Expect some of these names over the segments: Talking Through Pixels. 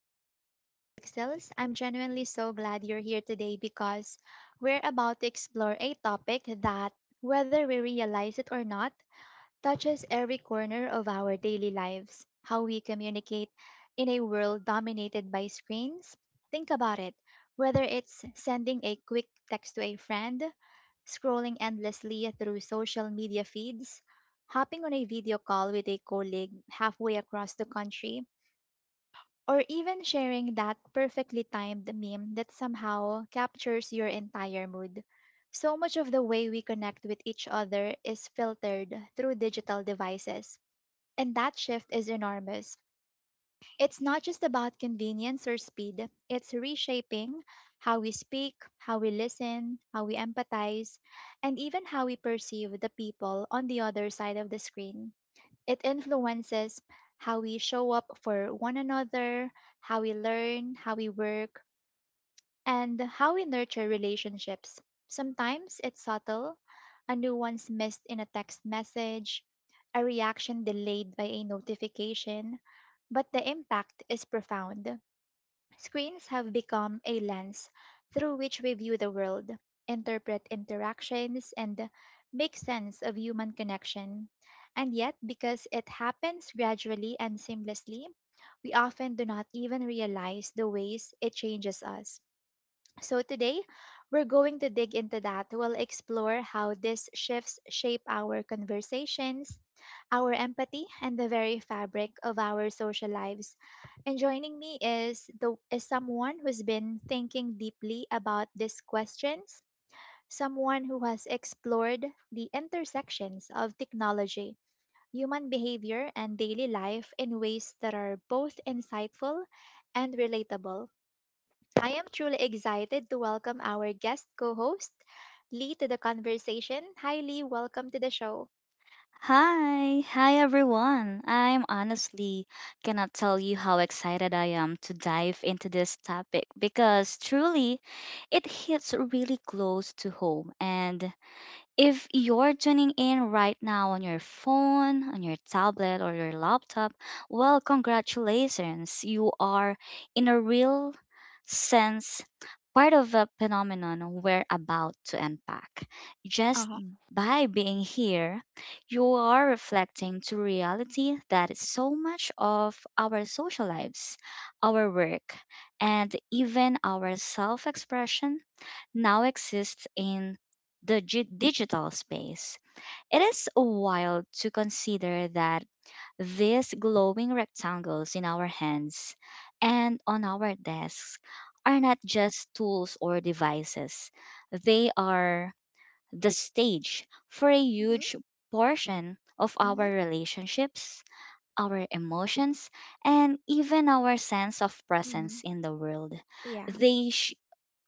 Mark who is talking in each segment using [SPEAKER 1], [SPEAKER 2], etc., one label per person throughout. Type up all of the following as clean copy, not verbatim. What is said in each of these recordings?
[SPEAKER 1] Talking Through Pixels. I'm genuinely so glad you're here today because we're about to explore a topic that, whether we realize it or not, touches every corner of our daily lives, how we communicate in a world dominated by screens. Think about it, whether it's sending a quick text to a friend, scrolling endlessly through social media feeds, hopping on a video call with a colleague halfway across the country, or even sharing that perfectly timed meme that somehow captures your entire mood. So much of the way we connect with each other is filtered through digital devices. And that shift is enormous. It's not just about convenience or speed, it's reshaping how we speak, how we listen, how we empathize, and even how we perceive the people on the other side of the screen. It influences how we show up for one another, how we learn, how we work, and how we nurture relationships. Sometimes it's subtle, a nuance missed in a text message, a reaction delayed by a notification, but the impact is profound. Screens have become a lens through which we view the world, interpret interactions, and make sense of human connection. And yet, because it happens gradually and seamlessly, we often do not even realize the ways it changes us. So today, we're going to dig into that. We'll explore how these shifts shape our conversations, our empathy, and the very fabric of our social lives. And joining me is someone who's been thinking deeply about these questions, someone who has explored the intersections of technology, human behavior, and daily life in ways that are both insightful and relatable. I am truly excited to welcome our guest co host, Lee, to the conversation. Hi, Lee. Welcome to the show.
[SPEAKER 2] Hi everyone. I'm honestly cannot tell you how excited I am to dive into this topic because truly it hits really close to home. And if you're tuning in right now on your phone, on your tablet, or your laptop, well, congratulations. You are, in a real sense, part of a phenomenon we're about to unpack.
[SPEAKER 1] Uh
[SPEAKER 2] Just
[SPEAKER 1] huh.
[SPEAKER 2] by being here, you are reflecting to reality that is so much of our social lives, our work, and even our self expression now exists in the digital space. It is wild to consider that these glowing rectangles in our hands and on our desks are not just tools or devices, they are the stage for a
[SPEAKER 1] Mm-hmm.
[SPEAKER 2] huge portion of
[SPEAKER 1] Mm-hmm.
[SPEAKER 2] our relationships, our emotions, and even our sense of presence
[SPEAKER 1] Mm-hmm.
[SPEAKER 2] in the world.
[SPEAKER 1] Yeah.
[SPEAKER 2] They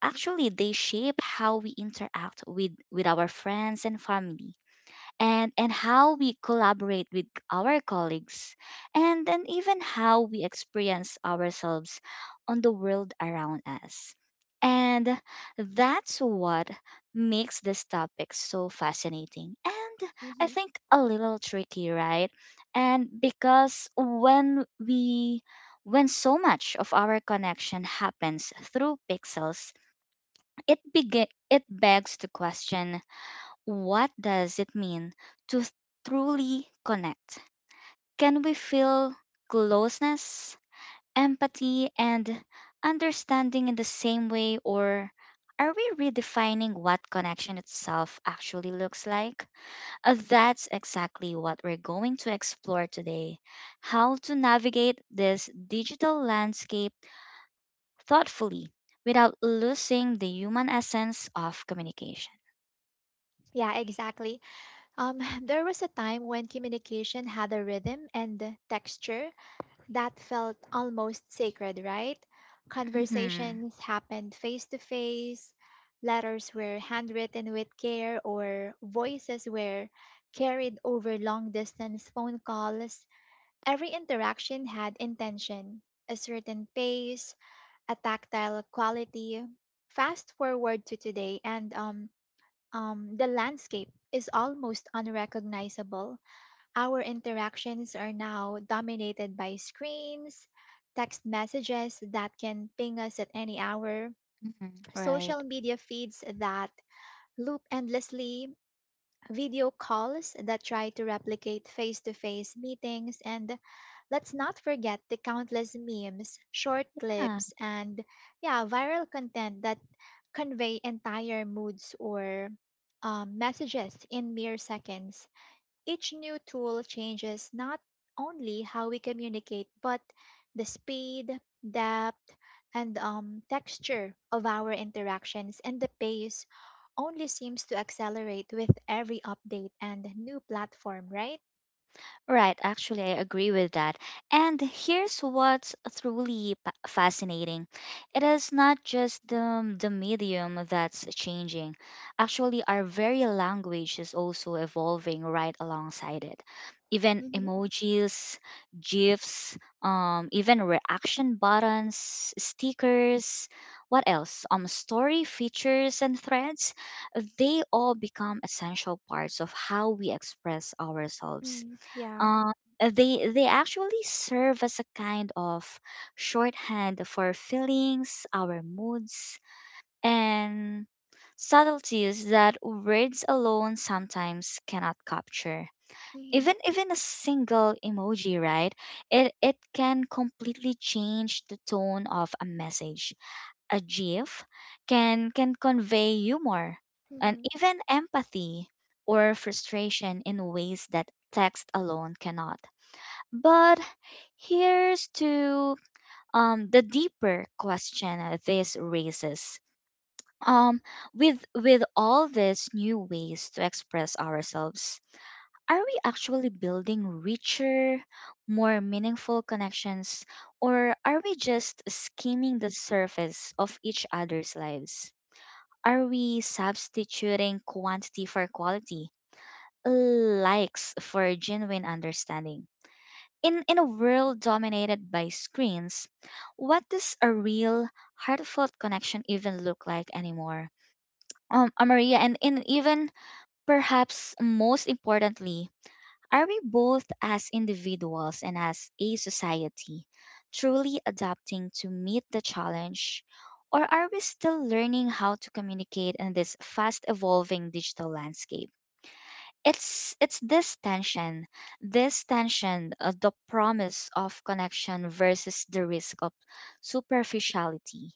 [SPEAKER 2] Actually, they shape how we interact with our friends and family, and how we collaborate with our colleagues, and then even how we experience ourselves on the world around us. And that's what makes this topic so fascinating and I
[SPEAKER 1] Mm-hmm.
[SPEAKER 2] think a little tricky, right? And because when we When so much of our connection happens through pixels, it begs the question, what does it mean to truly connect? Can we feel closeness, empathy and understanding in the same way, or are we redefining what connection itself actually looks like? That's exactly what we're going to explore today: how to navigate this digital landscape thoughtfully without losing the human essence of communication.
[SPEAKER 1] Yeah, exactly. There was a time when communication had a rhythm and a texture that felt almost sacred, right?
[SPEAKER 2] Mm-hmm.
[SPEAKER 1] Conversations happened face to face, letters were handwritten with care, or voices were carried over long distance phone calls. Every interaction had intention, a certain pace, a tactile quality. Fast forward to today, and the landscape is almost unrecognizable. Our interactions are now dominated by screens, text messages that can ping us at any hour,
[SPEAKER 2] Mm-hmm. Right.
[SPEAKER 1] social media feeds that loop endlessly, video calls that try to replicate face to face meetings, and let's not forget the countless memes, short
[SPEAKER 2] Yeah.
[SPEAKER 1] clips, and yeah, viral content that convey entire moods or messages in mere seconds. Each new tool changes not only how we communicate, but the speed, depth, and texture of our interactions, and the pace only seems to accelerate with every update and new platform, right?
[SPEAKER 2] Right, actually, I agree with that. And here's what's truly fascinating: it is not just the medium that's changing, actually, our very language is also evolving right alongside it. Even
[SPEAKER 1] Mm-hmm.
[SPEAKER 2] emojis, GIFs, even reaction buttons, stickers, what else? Story features and threads, they all become essential parts of how we express ourselves.
[SPEAKER 1] Mm, yeah.
[SPEAKER 2] Um, uh, they they actually serve as a kind of shorthand for feelings, our moods, and subtleties that words alone sometimes cannot capture.
[SPEAKER 1] Hmm.
[SPEAKER 2] Even a single emoji, right? It can completely change the tone of a message. A GIF can convey humor and even empathy or frustration in ways that text alone cannot. But here's to the deeper question this raises. Um, with all these new ways to express ourselves, are we actually building richer, more meaningful connections, or are we just skimming the surface of each other's lives? Are we substituting quantity for quality, likes for genuine understanding? In a world dominated by screens, what does a real heartfelt connection even look like anymore? Maria, and even perhaps most importantly, are we, both as individuals and as a society, truly adapting to meet the challenge, or are we still learning how to communicate in this fast evolving digital landscape? It's this tension, the promise of connection versus the risk of superficiality,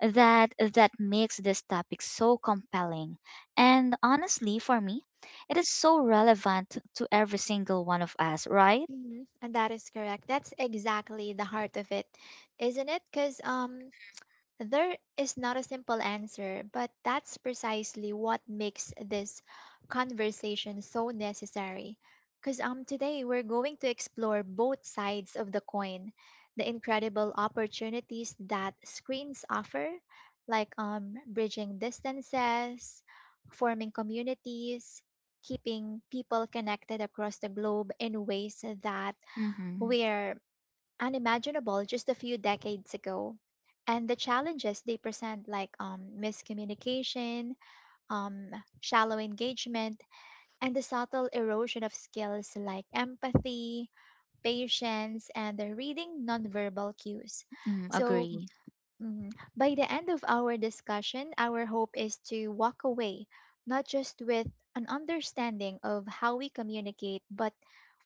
[SPEAKER 2] that makes this topic so compelling, and honestly for me, it is so relevant to every single one of us, right?
[SPEAKER 1] Mhm. And that is correct. That's exactly the heart of it, isn't it? Because there is not a simple answer, but that's precisely what makes this conversation so necessary. Because today we're going to explore both sides of the coin, the incredible opportunities that screens offer, like bridging distances, forming communities, keeping people connected across the globe in ways that
[SPEAKER 2] Mm-hmm.
[SPEAKER 1] we're unimaginable just a few decades ago. And the challenges they present, like miscommunication, um, shallow engagement, and the subtle erosion of skills like empathy, patience, and the reading nonverbal cues.
[SPEAKER 2] Mm
[SPEAKER 1] So,
[SPEAKER 2] agree.
[SPEAKER 1] mm, by the end of our discussion, our hope is to walk away not just with an understanding of how we communicate, but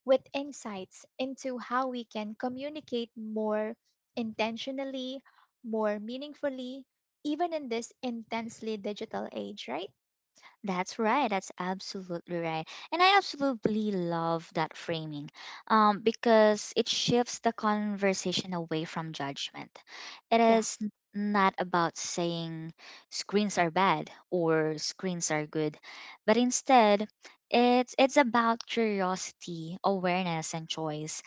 [SPEAKER 1] with insights into how we can communicate more intentionally, more meaningfully, even in this intensely digital age, right?
[SPEAKER 2] That's right. That's absolutely right. And I absolutely love that framing, because it shifts the conversation away from judgment. It
[SPEAKER 1] Yeah.
[SPEAKER 2] is n- not about saying screens are bad or screens are good, but instead, it's about curiosity, awareness, and choice.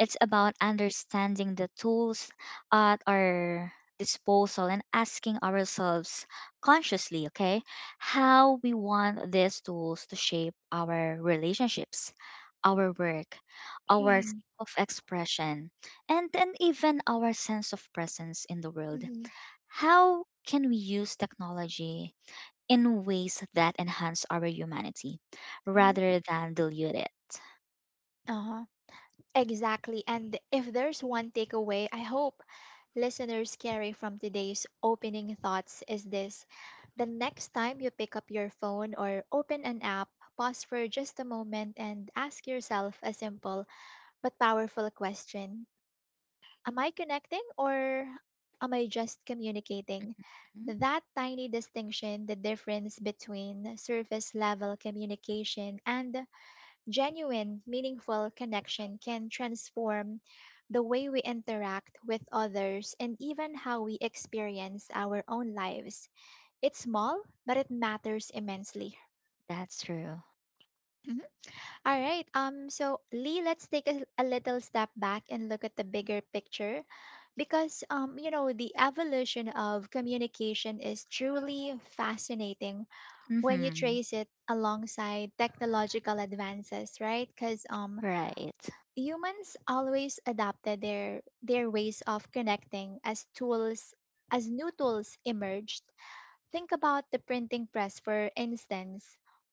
[SPEAKER 2] It's about understanding the tools at our disposal and asking ourselves consciously, okay? How we want these tools to shape our relationships, our work, our
[SPEAKER 1] Hmm.
[SPEAKER 2] self expression, and then even our sense of presence in the world.
[SPEAKER 1] Hmm.
[SPEAKER 2] How can we use technology in ways that enhance our humanity
[SPEAKER 1] Hmm.
[SPEAKER 2] rather than dilute it?
[SPEAKER 1] Uh-huh. Exactly. And if there's one takeaway I hope listeners carry from today's opening thoughts, is this: the next time you pick up your phone or open an app, pause for just a moment and ask yourself a simple but powerful question. Am I connecting, or am I just communicating?
[SPEAKER 2] Mhm.
[SPEAKER 1] That tiny distinction, the difference between surface level communication and genuine, meaningful connection, can transform the way we interact with others and even how we experience our own lives. It's small, but it matters immensely.
[SPEAKER 2] That's true.
[SPEAKER 1] All right. So Lee, let's take a little step back and look at the bigger picture, because you know, the evolution of communication is truly fascinating when you
[SPEAKER 2] Mm-hmm.
[SPEAKER 1] trace it alongside technological advances, right? Cuz
[SPEAKER 2] Right.
[SPEAKER 1] humans always adapted their ways of connecting as tools, as new tools emerged. Think about the printing press, for instance.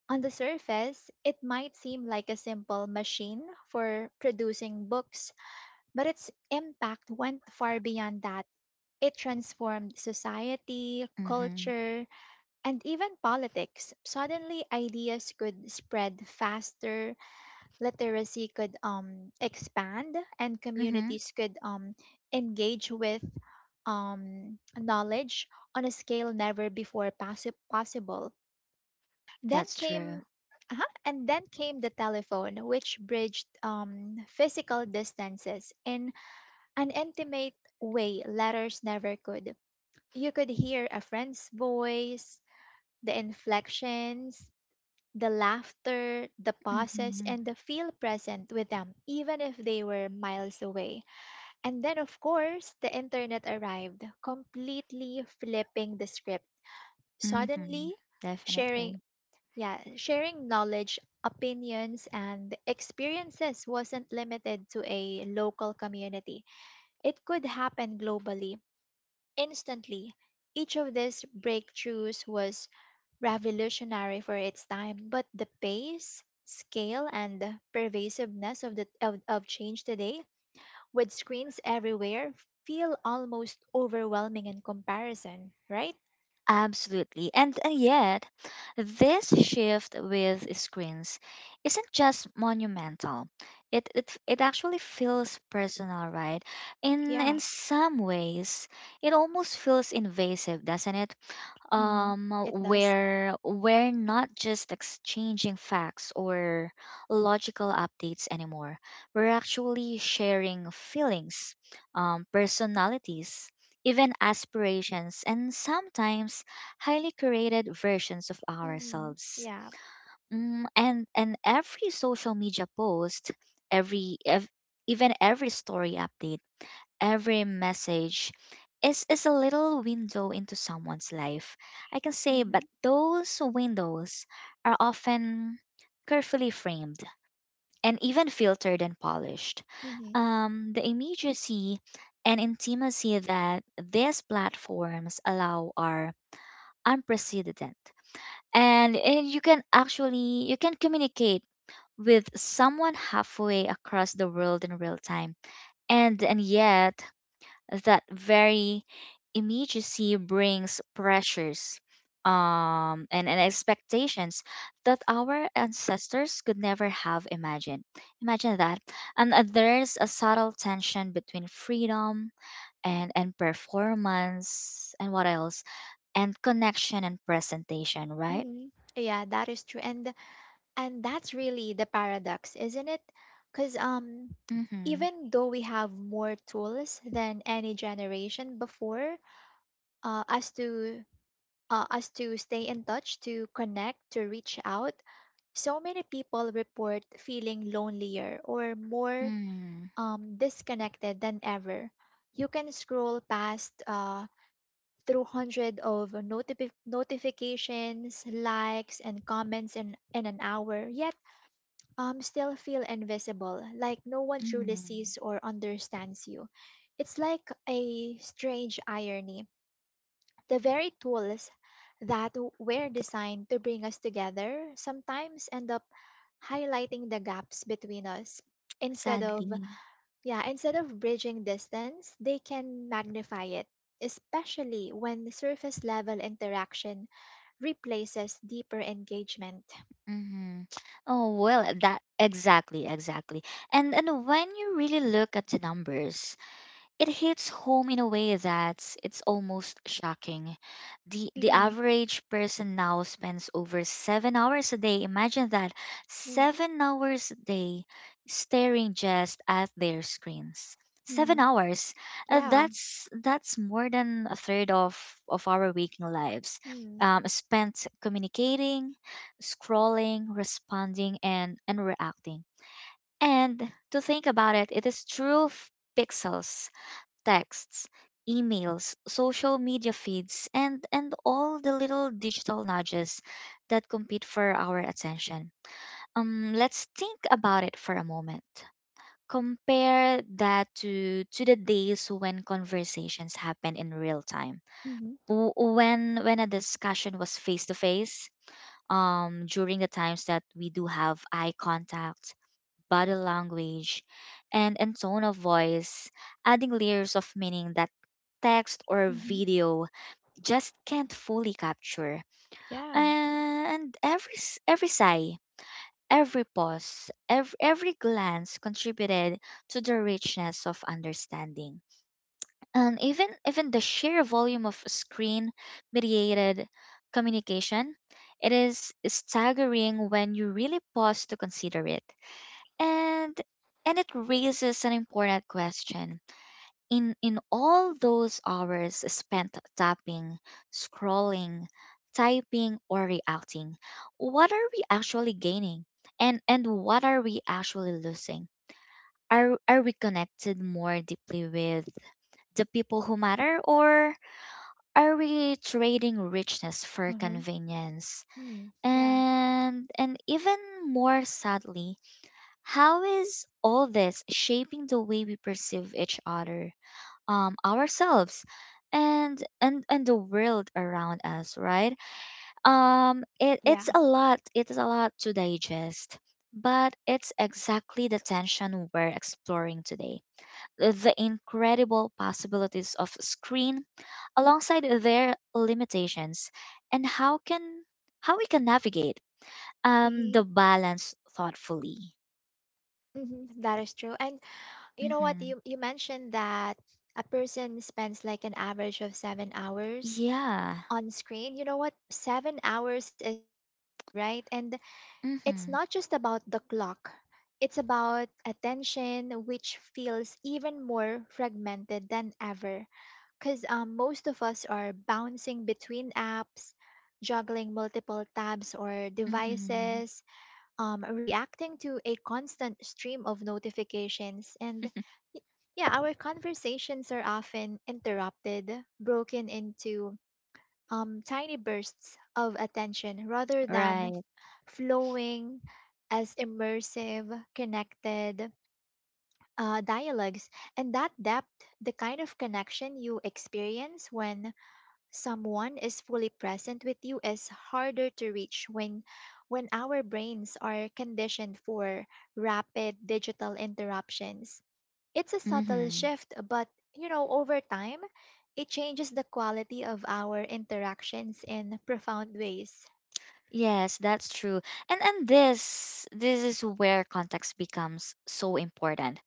[SPEAKER 1] On the surface, it might seem like a simple machine for producing books, but its impact went far beyond that. It transformed society,
[SPEAKER 2] Mm-hmm.
[SPEAKER 1] culture, and even politics. Suddenly, ideas could spread faster, literacy could expand, and
[SPEAKER 2] Mm-hmm.
[SPEAKER 1] communities could engage with knowledge on a scale never before possible. Then
[SPEAKER 2] That's true.
[SPEAKER 1] came then came the telephone, which bridged physical distances in an intimate way letters never could. You could hear a friend's voice, the inflections, the laughter, the pauses,
[SPEAKER 2] Mm-hmm.
[SPEAKER 1] and the feel present with them, even if they were miles away. And then, of course, the internet arrived, completely flipping the script.
[SPEAKER 2] Mm-hmm.
[SPEAKER 1] Suddenly, sharing
[SPEAKER 2] Definitely.
[SPEAKER 1] yeah sharing knowledge, opinions, and experiences wasn't limited to a local community, it could happen globally. Instantly, each of these breakthroughs was revolutionary for its time, but the pace, scale, and the pervasiveness of change today, with screens everywhere, feel almost overwhelming in comparison, right?
[SPEAKER 2] Absolutely. And yet, this shift with screens isn't just monumental. It actually feels personal, right? In
[SPEAKER 1] Yeah.
[SPEAKER 2] in some ways, it almost feels invasive, doesn't it?
[SPEAKER 1] Mm-hmm. It does.
[SPEAKER 2] Where we're not just exchanging facts or logical updates anymore, we're actually sharing feelings, personalities, even aspirations, and sometimes highly curated versions of
[SPEAKER 1] Mm,
[SPEAKER 2] ourselves.
[SPEAKER 1] yeah.
[SPEAKER 2] And every social media post, every ev- even every story update, every message is a little window into someone's life, I can say.
[SPEAKER 1] Mm-hmm.
[SPEAKER 2] But those windows are often carefully framed and even filtered and polished.
[SPEAKER 1] Mm-hmm.
[SPEAKER 2] The immediacy and intimacy that these platforms allow are unprecedented. And you can actually you can communicate with someone halfway across the world in real time. And yet that very immediacy brings pressures and expectations that our ancestors could never have imagined. Imagine that. And there's a subtle tension between freedom and performance and what else? And connection and presentation, right?
[SPEAKER 1] Mm-hmm. Yeah, that is true. And that's really the paradox, isn't it, because
[SPEAKER 2] Mm-hmm.
[SPEAKER 1] even though we have more tools than any generation before uh, as to as to stay in touch, to connect, to reach out, so many people report feeling lonelier or more
[SPEAKER 2] Mm-hmm.
[SPEAKER 1] disconnected than ever. You can scroll past through hundred of notifications, likes and comments in an hour, yet still feel invisible, like no one truly
[SPEAKER 2] Mm-hmm.
[SPEAKER 1] sees or understands you. It's like a strange irony. The very tools that were designed to bring us together sometimes end up highlighting the gaps between us. Instead of,
[SPEAKER 2] Sadly.
[SPEAKER 1] yeah, instead of bridging distance, they can magnify it, especially when surface level interaction replaces deeper engagement.
[SPEAKER 2] Mm-hmm. Oh well, that exactly, exactly. And when you really look at the numbers, it hits home in a way that's it's almost shocking. The
[SPEAKER 1] Mm-hmm.
[SPEAKER 2] average person now spends over 7 hours a day. Imagine that, 7 hours a day staring just at their screens. 7
[SPEAKER 1] Mm-hmm.
[SPEAKER 2] hours. Uh,
[SPEAKER 1] Yeah.
[SPEAKER 2] that's that's more than a third of our waking lives.
[SPEAKER 1] Hmm.
[SPEAKER 2] Spent communicating, scrolling, responding and reacting. And to think about it, it is true: pixels, texts, emails, social media feeds, and all the little digital nudges that compete for our attention. Let's think about it for a moment. Compare that to the days when conversations happen in real time.
[SPEAKER 1] Mhm.
[SPEAKER 2] When a discussion was face to face, during the times that we do have eye contact, body language, and tone of voice, adding layers of meaning that text or
[SPEAKER 1] Mhm.
[SPEAKER 2] video just can't fully capture.
[SPEAKER 1] Yeah.
[SPEAKER 2] And every sigh, every pause, every glance contributed to the richness of understanding. And even the sheer volume of screen mediated communication, it is staggering when you really pause to consider it. and and it raises an important question: in all those hours spent tapping, scrolling, typing or reacting, what are we actually gaining, and what are we actually losing? Are we connected more deeply with the people who matter, or are we trading richness for
[SPEAKER 1] Mm-hmm.
[SPEAKER 2] convenience,
[SPEAKER 1] Mm, yeah.
[SPEAKER 2] and even more sadly, how is all this shaping the way we perceive each other, ourselves, and the world around us? Right? It's
[SPEAKER 1] Yeah.
[SPEAKER 2] a lot. It's a lot to digest, but it's exactly the tension we're exploring today. The incredible possibilities of screen, alongside their limitations, and how we can navigate the
[SPEAKER 1] Mhm.
[SPEAKER 2] balance thoughtfully.
[SPEAKER 1] Mhm. That is true. And you know what?
[SPEAKER 2] Mm-hmm.
[SPEAKER 1] You mentioned that a person spends like an average of 7 hours
[SPEAKER 2] Yeah.
[SPEAKER 1] on screen. You know what? 7 hours is massive, right? And it's
[SPEAKER 2] Mm-hmm.
[SPEAKER 1] not just about the clock. It's about attention, which feels even more fragmented than ever. Because most of us are bouncing between apps, juggling multiple tabs or
[SPEAKER 2] Mm-hmm.
[SPEAKER 1] devices, reacting to a constant stream of notifications. And y- yeah, our conversations are often interrupted, broken into tiny bursts of attention rather than
[SPEAKER 2] Right.
[SPEAKER 1] flowing as immersive, connected dialogues. And that depth, the kind of connection you experience when someone is fully present with you, is harder to reach when our brains are conditioned for rapid digital interruptions. It's a subtle
[SPEAKER 2] Mm-hmm.
[SPEAKER 1] shift, but you know, over time, it changes the quality of our interactions in profound ways.
[SPEAKER 2] Yes, that's true. And this is where context becomes so important.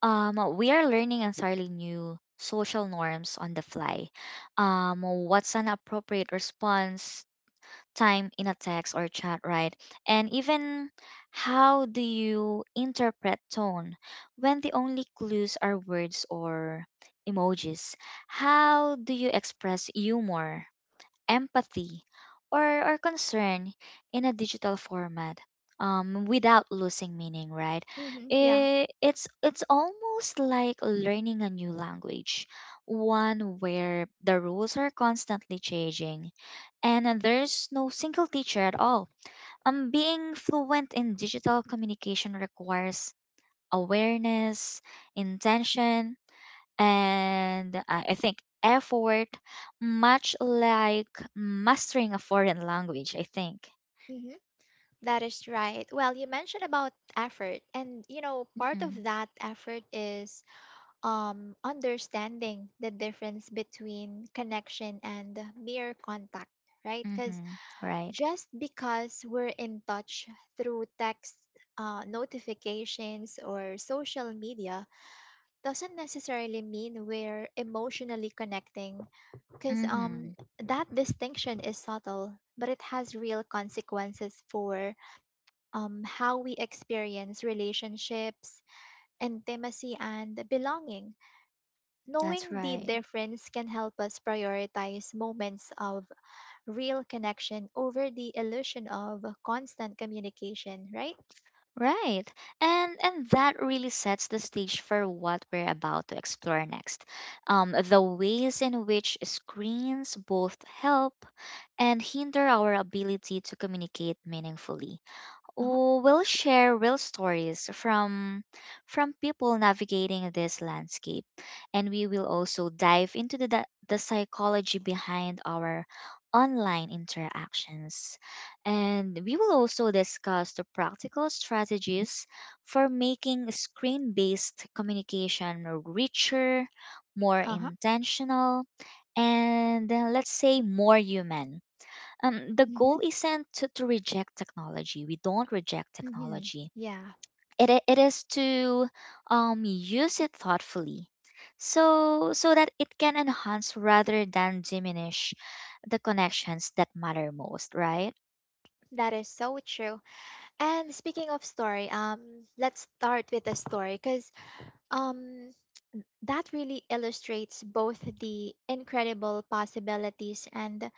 [SPEAKER 2] We are learning entirely new social norms on the fly. What's an appropriate response time in a text or chat, right? And even how do you interpret tone when the only clues are words or emojis? How do you express humor, empathy, or, or concern in a digital format without losing meaning, right?
[SPEAKER 1] Hmm. Yeah.
[SPEAKER 2] It's almost like learning a new language, one where the rules are constantly changing and there's no single teacher at all. Being fluent in digital communication requires awareness, intention, and I think effort, much like mastering a foreign language, I think.
[SPEAKER 1] That is right. Well, you mentioned about effort, and you know, part
[SPEAKER 2] Mm-hmm,
[SPEAKER 1] of that effort is understanding the difference between connection and mere contact, right? Because
[SPEAKER 2] mm-hmm, right.
[SPEAKER 1] just because we're in touch through text, notifications or social media, doesn't necessarily mean we're emotionally connecting. Because
[SPEAKER 2] Mm-hmm,
[SPEAKER 1] that distinction is subtle, but it has real consequences for how we experience relationships, intimacy, and belonging.
[SPEAKER 2] that's
[SPEAKER 1] Knowing the
[SPEAKER 2] right.
[SPEAKER 1] difference can help us prioritize moments of real connection over the illusion of constant communication, right?
[SPEAKER 2] Right. And that really sets the stage for what we're about to explore next. The ways in which screens both help and hinder our ability to communicate meaningfully.
[SPEAKER 1] Uh huh.
[SPEAKER 2] We'll share real stories from people navigating this landscape, and we will also dive into the psychology behind our online interactions. And we will also discuss the practical strategies for making screen-based communication richer, more
[SPEAKER 1] Uh huh.
[SPEAKER 2] intentional, and let's say more human. The
[SPEAKER 1] Mm hmm.
[SPEAKER 2] goal isn't to reject technology. We don't reject
[SPEAKER 1] Mm hmm.
[SPEAKER 2] technology.
[SPEAKER 1] Yeah.
[SPEAKER 2] It is to use it thoughtfully, so so that it can enhance rather than diminish the connections that matter most. Right?
[SPEAKER 1] That is so true. And speaking of story, let's start with the story because um, that really illustrates both the incredible possibilities and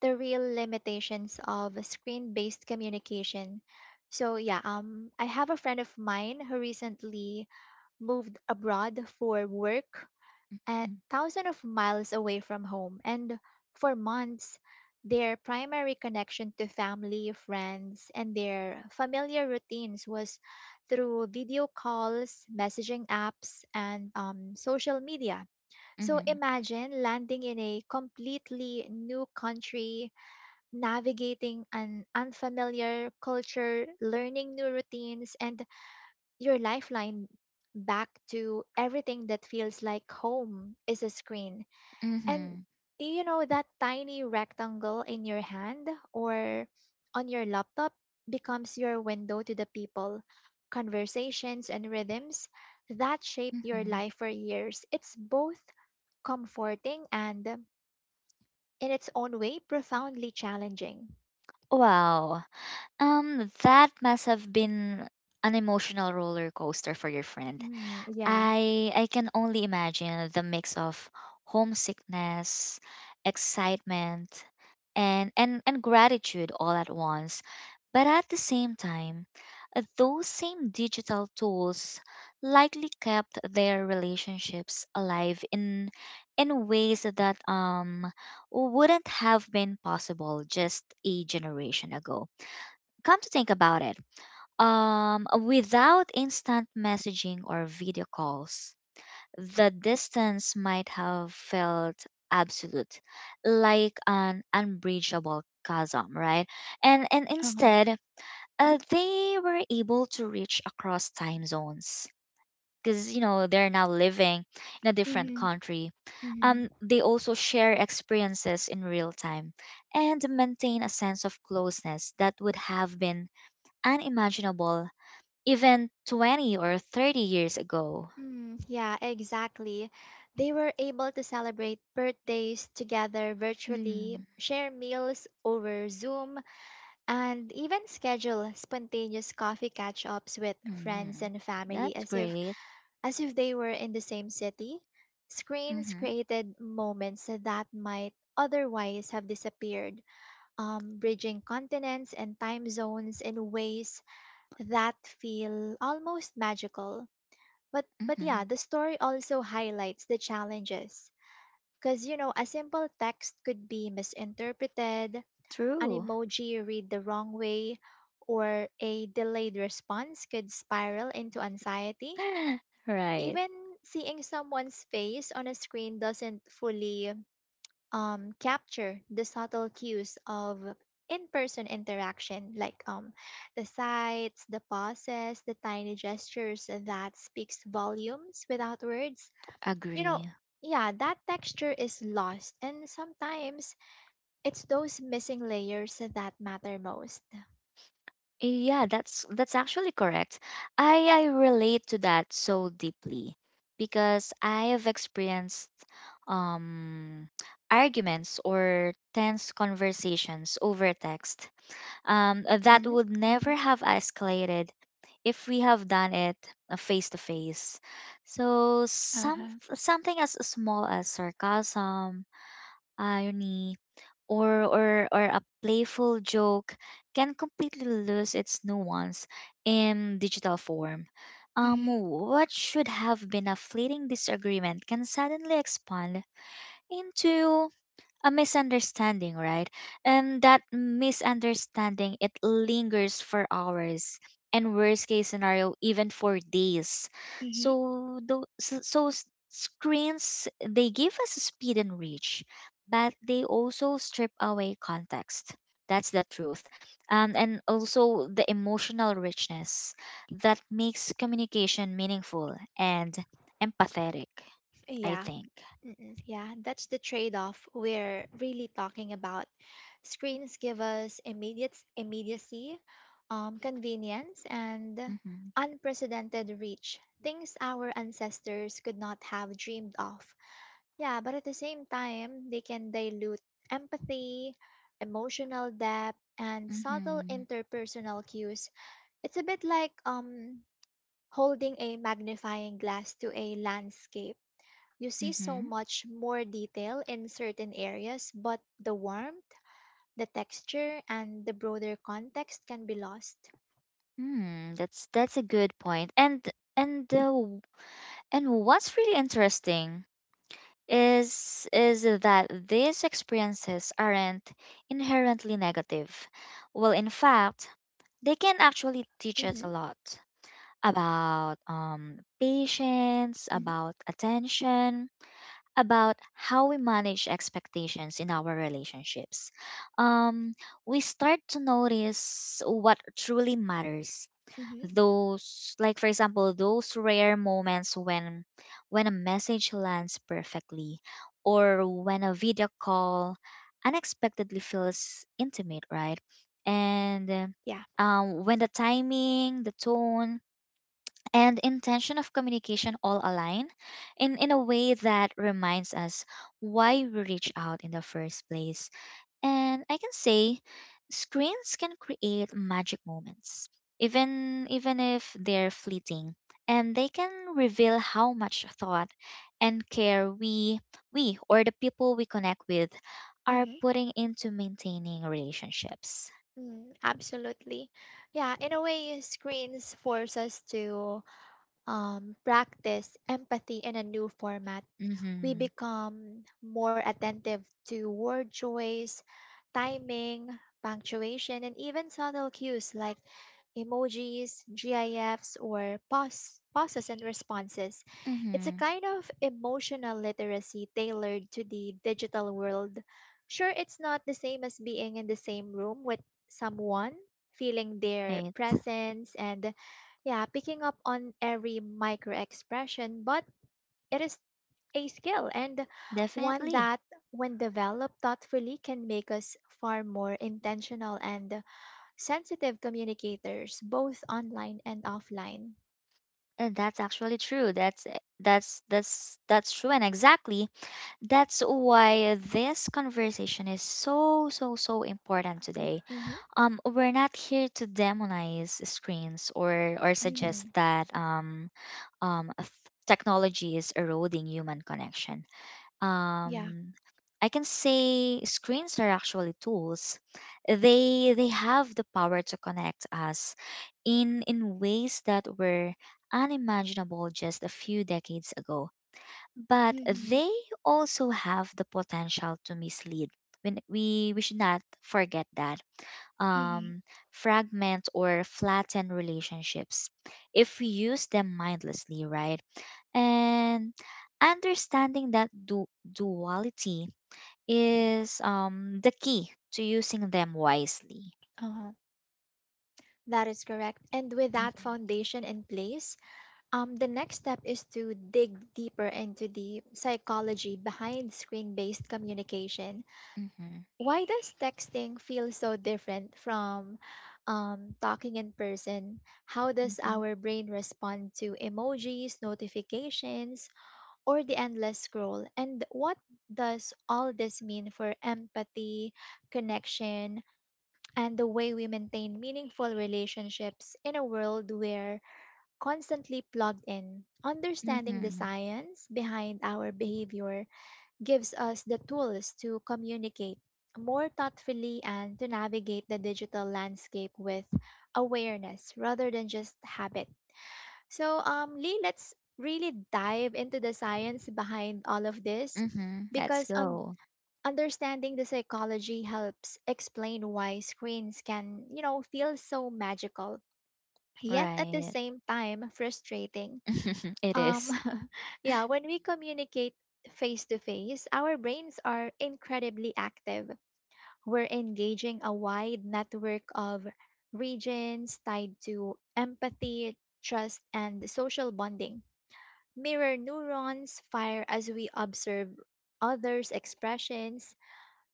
[SPEAKER 1] the real limitations of screen-based communication. So yeah, I have a friend of mine who recently moved abroad for work, a thousand of miles away from home, and for months their primary connection to family, friends, and their familiar routines was through video calls, messaging apps, and social media. So
[SPEAKER 2] Mm-hmm.
[SPEAKER 1] imagine landing in a completely new country, navigating an unfamiliar culture, learning new routines, and your lifeline back to everything that feels like home is a screen. And
[SPEAKER 2] Mm-hmm.
[SPEAKER 1] you know, that tiny rectangle in your hand or on your laptop becomes your window to the people, conversations, and rhythms that shaped your
[SPEAKER 2] Mm-hmm.
[SPEAKER 1] life for years. It's both comforting and, in its own way, profoundly challenging.
[SPEAKER 2] Wow. That must have been an emotional roller coaster for your friend.
[SPEAKER 1] Mm, yeah.
[SPEAKER 2] I can only imagine the mix of homesickness, excitement, and and gratitude all at once. But at the same time, those same digital tools likely kept their relationships alive in ways that wouldn't have been possible just a generation ago. Come to think about it, without instant messaging or video calls, the distance might have felt absolute, like an unbridgeable chasm, right? And
[SPEAKER 1] Uh-huh.
[SPEAKER 2] instead, they were able to reach across time zones because, you know, they're now living in a different
[SPEAKER 1] Mm-hmm.
[SPEAKER 2] country.
[SPEAKER 1] Mm-hmm.
[SPEAKER 2] They also share experiences in real time and maintain a sense of closeness that would have been unimaginable even 20 or 30 years ago.
[SPEAKER 1] Mm, yeah, exactly. They were able to celebrate birthdays together virtually,
[SPEAKER 2] Mm-hmm.
[SPEAKER 1] share meals over Zoom, and even schedule spontaneous coffee catch-ups with friends
[SPEAKER 2] Hmm.
[SPEAKER 1] and family
[SPEAKER 2] That's
[SPEAKER 1] as if,
[SPEAKER 2] great.
[SPEAKER 1] as if they were in the same city. Screens
[SPEAKER 2] Mm-hmm.
[SPEAKER 1] created moments that might otherwise have disappeared, bridging continents and time zones in ways that feel almost magical. But
[SPEAKER 2] Mm-hmm.
[SPEAKER 1] yeah, the story also highlights the challenges because a simple text could be misinterpreted, an
[SPEAKER 2] True.
[SPEAKER 1] emoji read the wrong way, or a delayed response could spiral into anxiety.
[SPEAKER 2] Right.
[SPEAKER 1] Even seeing someone's face on a screen doesn't fully capture the subtle cues of in-person interaction like the sights, the pauses, the tiny gestures that speaks volumes without words you know,
[SPEAKER 2] Agree.
[SPEAKER 1] yeah, that texture is lost, and sometimes it's those missing layers that matter most.
[SPEAKER 2] Yeah, that's actually correct. I relate to that so deeply because I have experienced um arguments or tense conversations over text that
[SPEAKER 1] Mm-hmm,
[SPEAKER 2] would never
[SPEAKER 1] mm-hmm.
[SPEAKER 2] have escalated if we have done it face to face. So
[SPEAKER 1] Uh-huh.
[SPEAKER 2] something as small as sarcasm, irony, or a playful joke can completely lose its nuance in digital form. Um,
[SPEAKER 1] Mm-hmm.
[SPEAKER 2] what should have been a fleeting disagreement can suddenly expand into a misunderstanding, right? And that misunderstanding, it lingers for hours and, worst case scenario, even for days.
[SPEAKER 1] Mm-hmm.
[SPEAKER 2] So those so so s- screens, they give us speed and reach, but they also strip away context. That's the truth. And also the emotional richness that makes communication meaningful and empathetic, I
[SPEAKER 1] Yeah.
[SPEAKER 2] think.
[SPEAKER 1] Mm-mm. Yeah, that's the trade-off we're really talking about. Screens give us immediate immediacy, convenience, and
[SPEAKER 2] Mm-hmm.
[SPEAKER 1] unprecedented reach. Things our ancestors could not have dreamed of. Yeah, but at the same time, they can dilute empathy, emotional depth, and subtle
[SPEAKER 2] Mm-hmm.
[SPEAKER 1] interpersonal cues. It's a bit like holding a magnifying glass to a landscape. You see so
[SPEAKER 2] Mm-hmm.
[SPEAKER 1] much more detail in certain areas, but the warmth, the texture, and the broader context can be lost.
[SPEAKER 2] Hmm, that's a good point. And uh, w- and what's really interesting is that these experiences aren't inherently negative. Well, in fact, they can actually teach us a
[SPEAKER 1] Mm-hmm,
[SPEAKER 2] lot about patience,
[SPEAKER 1] mm-hmm,
[SPEAKER 2] about attention, about how we manage expectations in our relationships. Um, we start to notice what truly matters,
[SPEAKER 1] mm-hmm.
[SPEAKER 2] those, like for example, those rare moments when a message lands perfectly, or when a video call unexpectedly feels intimate, right? And
[SPEAKER 1] Yeah.
[SPEAKER 2] when the timing, the tone, and intention of communication all align in a way that reminds us why we reach out in the first place. And I can say screens can create magic moments, even if they're fleeting, and they can reveal how much thought and care we or the people we connect with are
[SPEAKER 1] Mm-hmm.
[SPEAKER 2] putting into maintaining relationships.
[SPEAKER 1] Mm, absolutely. Yeah, in a way, screens force us to practice empathy in a new format. We
[SPEAKER 2] Mhm.
[SPEAKER 1] become more attentive to word choice, timing, punctuation, and even subtle cues like emojis, GIFs, or pauses and responses. It's a
[SPEAKER 2] Mhm.
[SPEAKER 1] kind of emotional literacy tailored to the digital world. Sure, it's not the same as being in the same room with someone, feeling their
[SPEAKER 2] Right.
[SPEAKER 1] presence, and yeah, picking up on every micro expression, but it is a skill, and one
[SPEAKER 2] Definitely.
[SPEAKER 1] that, when developed thoughtfully, can make us far more intentional and sensitive communicators, both online and offline.
[SPEAKER 2] And that's actually true. That's true, and exactly that's why this conversation is so important today.
[SPEAKER 1] Mm-hmm.
[SPEAKER 2] We're not here to demonize screens or suggest
[SPEAKER 1] Mm-hmm.
[SPEAKER 2] that um th- technology is eroding human connection.
[SPEAKER 1] Yeah.
[SPEAKER 2] Um, I can say screens are actually tools. They have the power to connect us in ways that were unimaginable just a few decades ago. But
[SPEAKER 1] Mm-hmm.
[SPEAKER 2] they also have the potential to mislead. When we should not forget that,
[SPEAKER 1] Mm-hmm.
[SPEAKER 2] um, fragment or flatten relationships if we use them mindlessly, right? And understanding that duality is, the key to using them wisely.
[SPEAKER 1] Uh-huh. That is correct. And with that
[SPEAKER 2] Mhm,
[SPEAKER 1] foundation in place, the next step is to dig deeper into the psychology behind screen based communication.
[SPEAKER 2] mhm,
[SPEAKER 1] Why does texting feel so different from talking in person? How does
[SPEAKER 2] mhm,
[SPEAKER 1] our brain respond to emojis, notifications, or the endless scroll? And what does all this mean for empathy, connection, and the way we maintain meaningful relationships in a world where constantly plugged in? Understanding the
[SPEAKER 2] mhm,
[SPEAKER 1] science behind our behavior gives us the tools to communicate more thoughtfully and to navigate the digital landscape with awareness rather than just habit. So, Lee, let's really dive into the science behind all of this
[SPEAKER 2] mhm. Let's
[SPEAKER 1] because
[SPEAKER 2] go.
[SPEAKER 1] understanding the psychology helps explain why screens can, you know, feel so magical, yet at the
[SPEAKER 2] Right.
[SPEAKER 1] same time frustrating.
[SPEAKER 2] It
[SPEAKER 1] Um,
[SPEAKER 2] is.
[SPEAKER 1] yeah, when we communicate face to face, our brains are incredibly active. We're engaging a wide network of regions tied to empathy, trust, and social bonding. Mirror neurons fire as we observe others' expressions.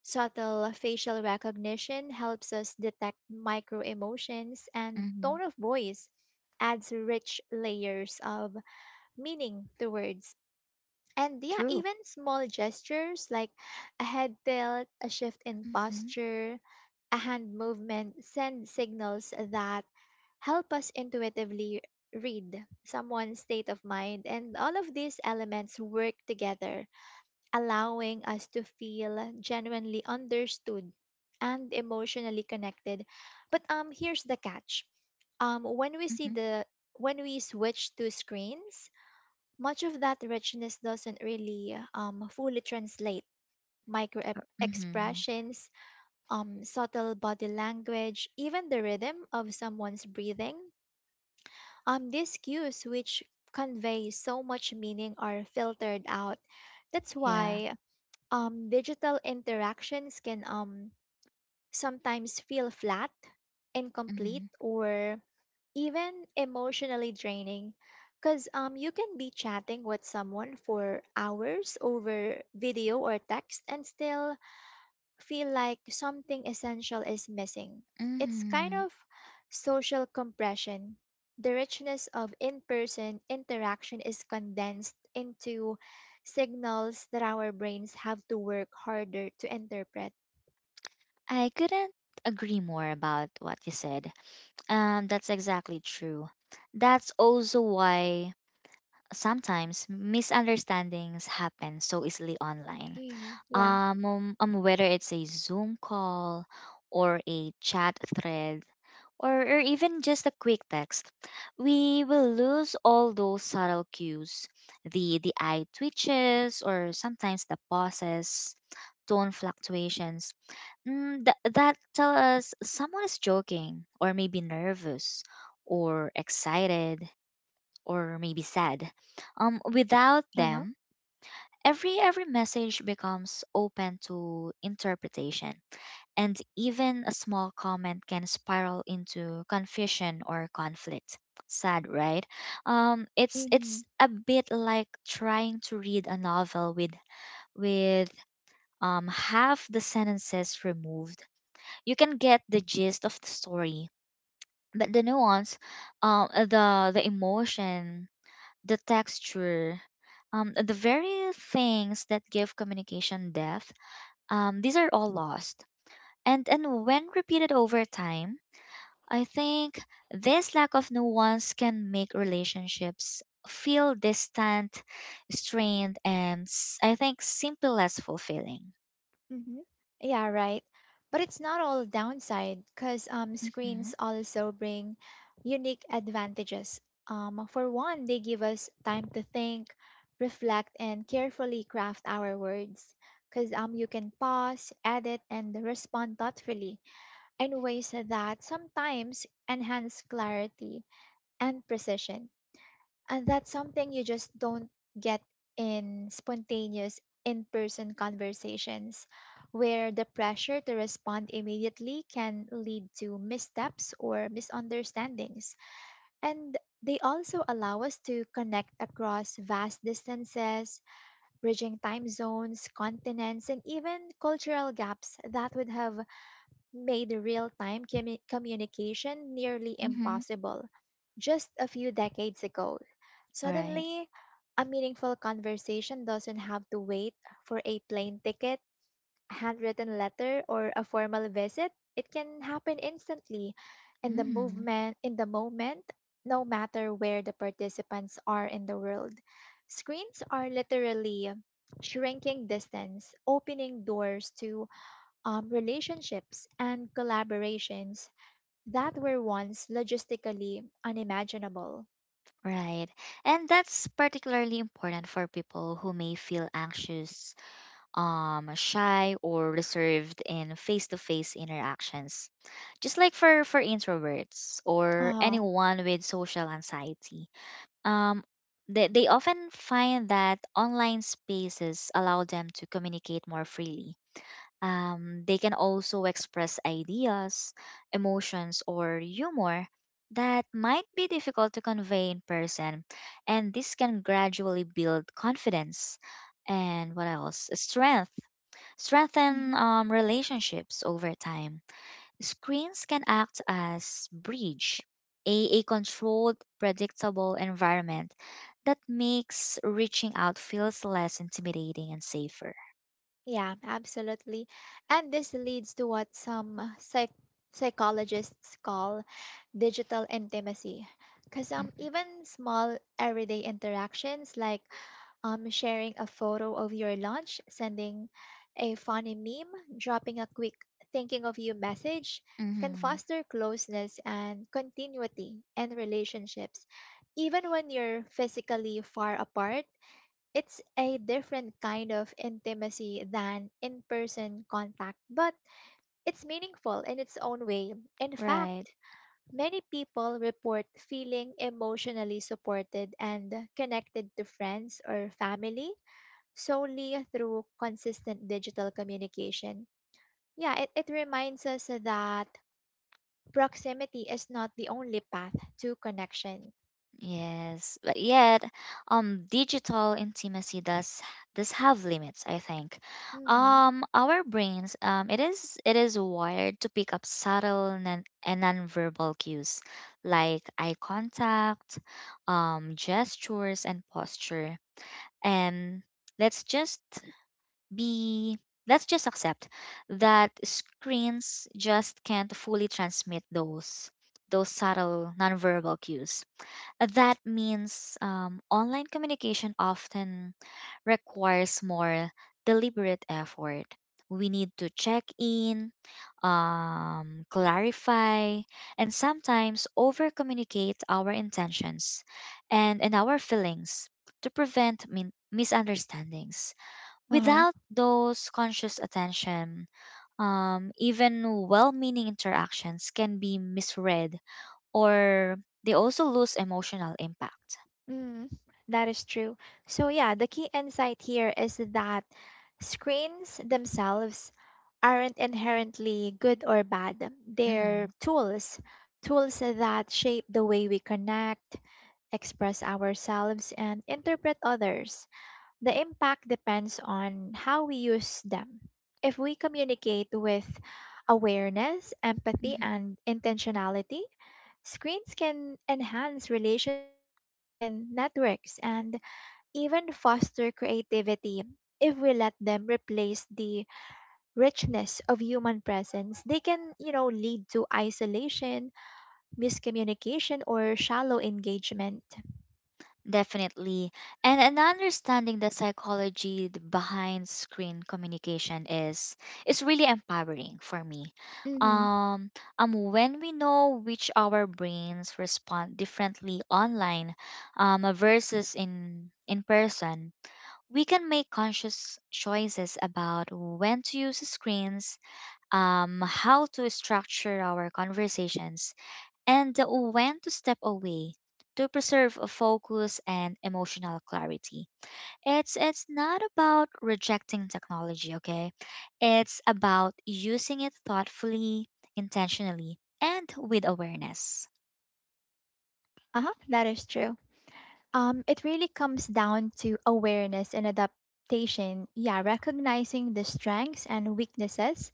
[SPEAKER 1] Subtle facial recognition helps us detect micro emotions, and
[SPEAKER 2] Mhm.
[SPEAKER 1] tone of voice adds rich layers of meaning to words. And yeah,
[SPEAKER 2] True.
[SPEAKER 1] even small gestures like a head tilt, a shift in
[SPEAKER 2] Mhm,
[SPEAKER 1] posture, a hand movement send signals that help us intuitively read someone's state of mind. And all of these elements work together, allowing us to feel genuinely understood and emotionally connected. But here's the catch. Um when we see
[SPEAKER 2] mhm,
[SPEAKER 1] the when we switch to screens, much of that richness doesn't really fully translate.
[SPEAKER 2] mhm.
[SPEAKER 1] Expressions, subtle body language, even the rhythm of someone's breathing. These cues, which convey so much meaning, are filtered out. That's
[SPEAKER 2] Yeah.
[SPEAKER 1] why digital interactions can sometimes feel flat, incomplete,
[SPEAKER 2] Mm-hmm.
[SPEAKER 1] or even emotionally draining because you can be chatting with someone for hours over video or text and still feel like something essential is missing. It's kind
[SPEAKER 2] Mm-hmm.
[SPEAKER 1] of social compression. The richness of in person interaction is condensed into signals that our brains have to work harder to interpret.
[SPEAKER 2] I couldn't agree more about what you said. And that's exactly true. That's also why sometimes misunderstandings happen so easily online.
[SPEAKER 1] Mm, yeah.
[SPEAKER 2] Whether it's a Zoom call or a chat thread or even just a quick text, we will lose all those subtle cues, the eye twitches or sometimes the pauses, tone fluctuations that tell us someone is joking or maybe nervous or excited or maybe sad. Without them, every message becomes open to interpretation, and even a small comment can spiral into confusion or conflict. Sad, right? It's
[SPEAKER 1] Mhm.
[SPEAKER 2] a bit like trying to read a novel with half the sentences removed. You can get the gist of the story, but the nuance, the emotion, the texture, the very things that give communication depth, these are all lost. And when repeated over time, I think this lack of nuance can make relationships feel distant, strained, and I think simple, less fulfilling.
[SPEAKER 1] Mhm. Yeah, right. But it's not all downside because
[SPEAKER 2] Mm-hmm,
[SPEAKER 1] screens also bring unique advantages. For one, they give us time to think, reflect, and carefully craft our words. Because you can pause, edit, and respond thoughtfully in ways that sometimes enhance clarity and precision. And that's something you just don't get in spontaneous in person conversations, where the pressure to respond immediately can lead to missteps or misunderstandings. And they also allow us to connect across vast distances, bridging time zones, continents, and even cultural gaps that would have made real time communication nearly
[SPEAKER 2] mm-hmm.
[SPEAKER 1] impossible just a few decades ago.
[SPEAKER 2] Right.
[SPEAKER 1] Suddenly, a meaningful conversation doesn't have to wait for a plane ticket, a handwritten letter, or a formal visit. It can happen instantly in the
[SPEAKER 2] Mm-hmm.
[SPEAKER 1] moment, no matter where the participants are in the world. Screens are literally shrinking distance, opening doors to relationships and collaborations that were once logistically unimaginable.
[SPEAKER 2] Right. And that's particularly important for people who may feel anxious, shy, or reserved in face to face interactions. Just like for introverts or
[SPEAKER 1] Ah,
[SPEAKER 2] anyone with social anxiety. Um, they often find that online spaces allow them to communicate more freely. They can also express ideas, emotions, or humor that might be difficult to convey in person, and this can gradually build confidence and what else? Strengthen relationships over time. Screens can act as bridge, a controlled, predictable environment that makes reaching out feels less intimidating and safer.
[SPEAKER 1] yeah, absolutely. And this leads to what some psychologists call digital intimacy. Because
[SPEAKER 2] Hmm.
[SPEAKER 1] even small everyday interactions like sharing a photo of your lunch, sending a funny meme, dropping a quick thinking of you message, can
[SPEAKER 2] Hmm.
[SPEAKER 1] foster closeness and continuity in relationships, even when you're physically far apart. It's a different kind of intimacy than in person contact, but it's meaningful in its own way. In
[SPEAKER 2] Right.
[SPEAKER 1] fact, many people report feeling emotionally supported and connected to friends or family solely through consistent digital communication. Yeah, it reminds us that proximity is not the only path to connection.
[SPEAKER 2] Yes, but yet, digital intimacy does have limits, I think.
[SPEAKER 1] Hmm.
[SPEAKER 2] Our brains, it is wired to pick up subtle non- and nonverbal cues like eye contact, gestures and posture. And let's just be let's just accept that screens just can't fully transmit those subtle nonverbal cues. That means, online communication often requires more deliberate effort. We need to check in, clarify, and sometimes over communicate our intentions and our feelings to prevent misunderstandings. Without those conscious attention, even well meaning interactions can be misread, or they also lose emotional impact.
[SPEAKER 1] Mm, that is true. So, yeah, the key insight here is that screens themselves aren't inherently good or bad. They're
[SPEAKER 2] Mhm,
[SPEAKER 1] tools, tools that shape the way we connect, express ourselves, and interpret others. The impact depends on how we use them. If we communicate with awareness, empathy,
[SPEAKER 2] mhm.
[SPEAKER 1] and intentionality, screens can enhance relationships, broaden networks, and even foster creativity. If we let them replace the richness of human presence, they can, you know, lead to isolation, miscommunication, or shallow engagement.
[SPEAKER 2] Definitely. And, an understanding the psychology behind screen communication is really empowering for me.
[SPEAKER 1] Mm-hmm.
[SPEAKER 2] Um, when we know which our brains respond differently online, versus in person, we can make conscious choices about when to use screens, how to structure our conversations and when to step away to preserve a focus and emotional clarity. It's not about rejecting technology, okay? It's about using it thoughtfully, intentionally, and with awareness.
[SPEAKER 1] Uh-huh, that is true. It really comes down to awareness and adaptation. Yeah, recognizing the strengths and weaknesses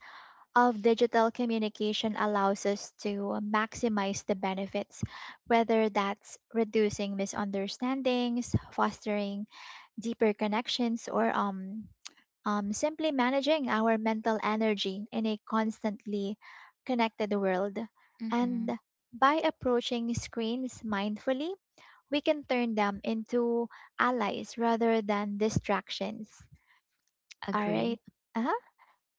[SPEAKER 1] of digital communication allows us to maximize the benefits, whether that's reducing misunderstandings, fostering deeper connections, or simply managing our mental energy in a constantly connected world.
[SPEAKER 2] Mhm.
[SPEAKER 1] And by approaching screens mindfully, we can turn them into allies rather than distractions. All
[SPEAKER 2] Agree.
[SPEAKER 1] right. Uh-huh.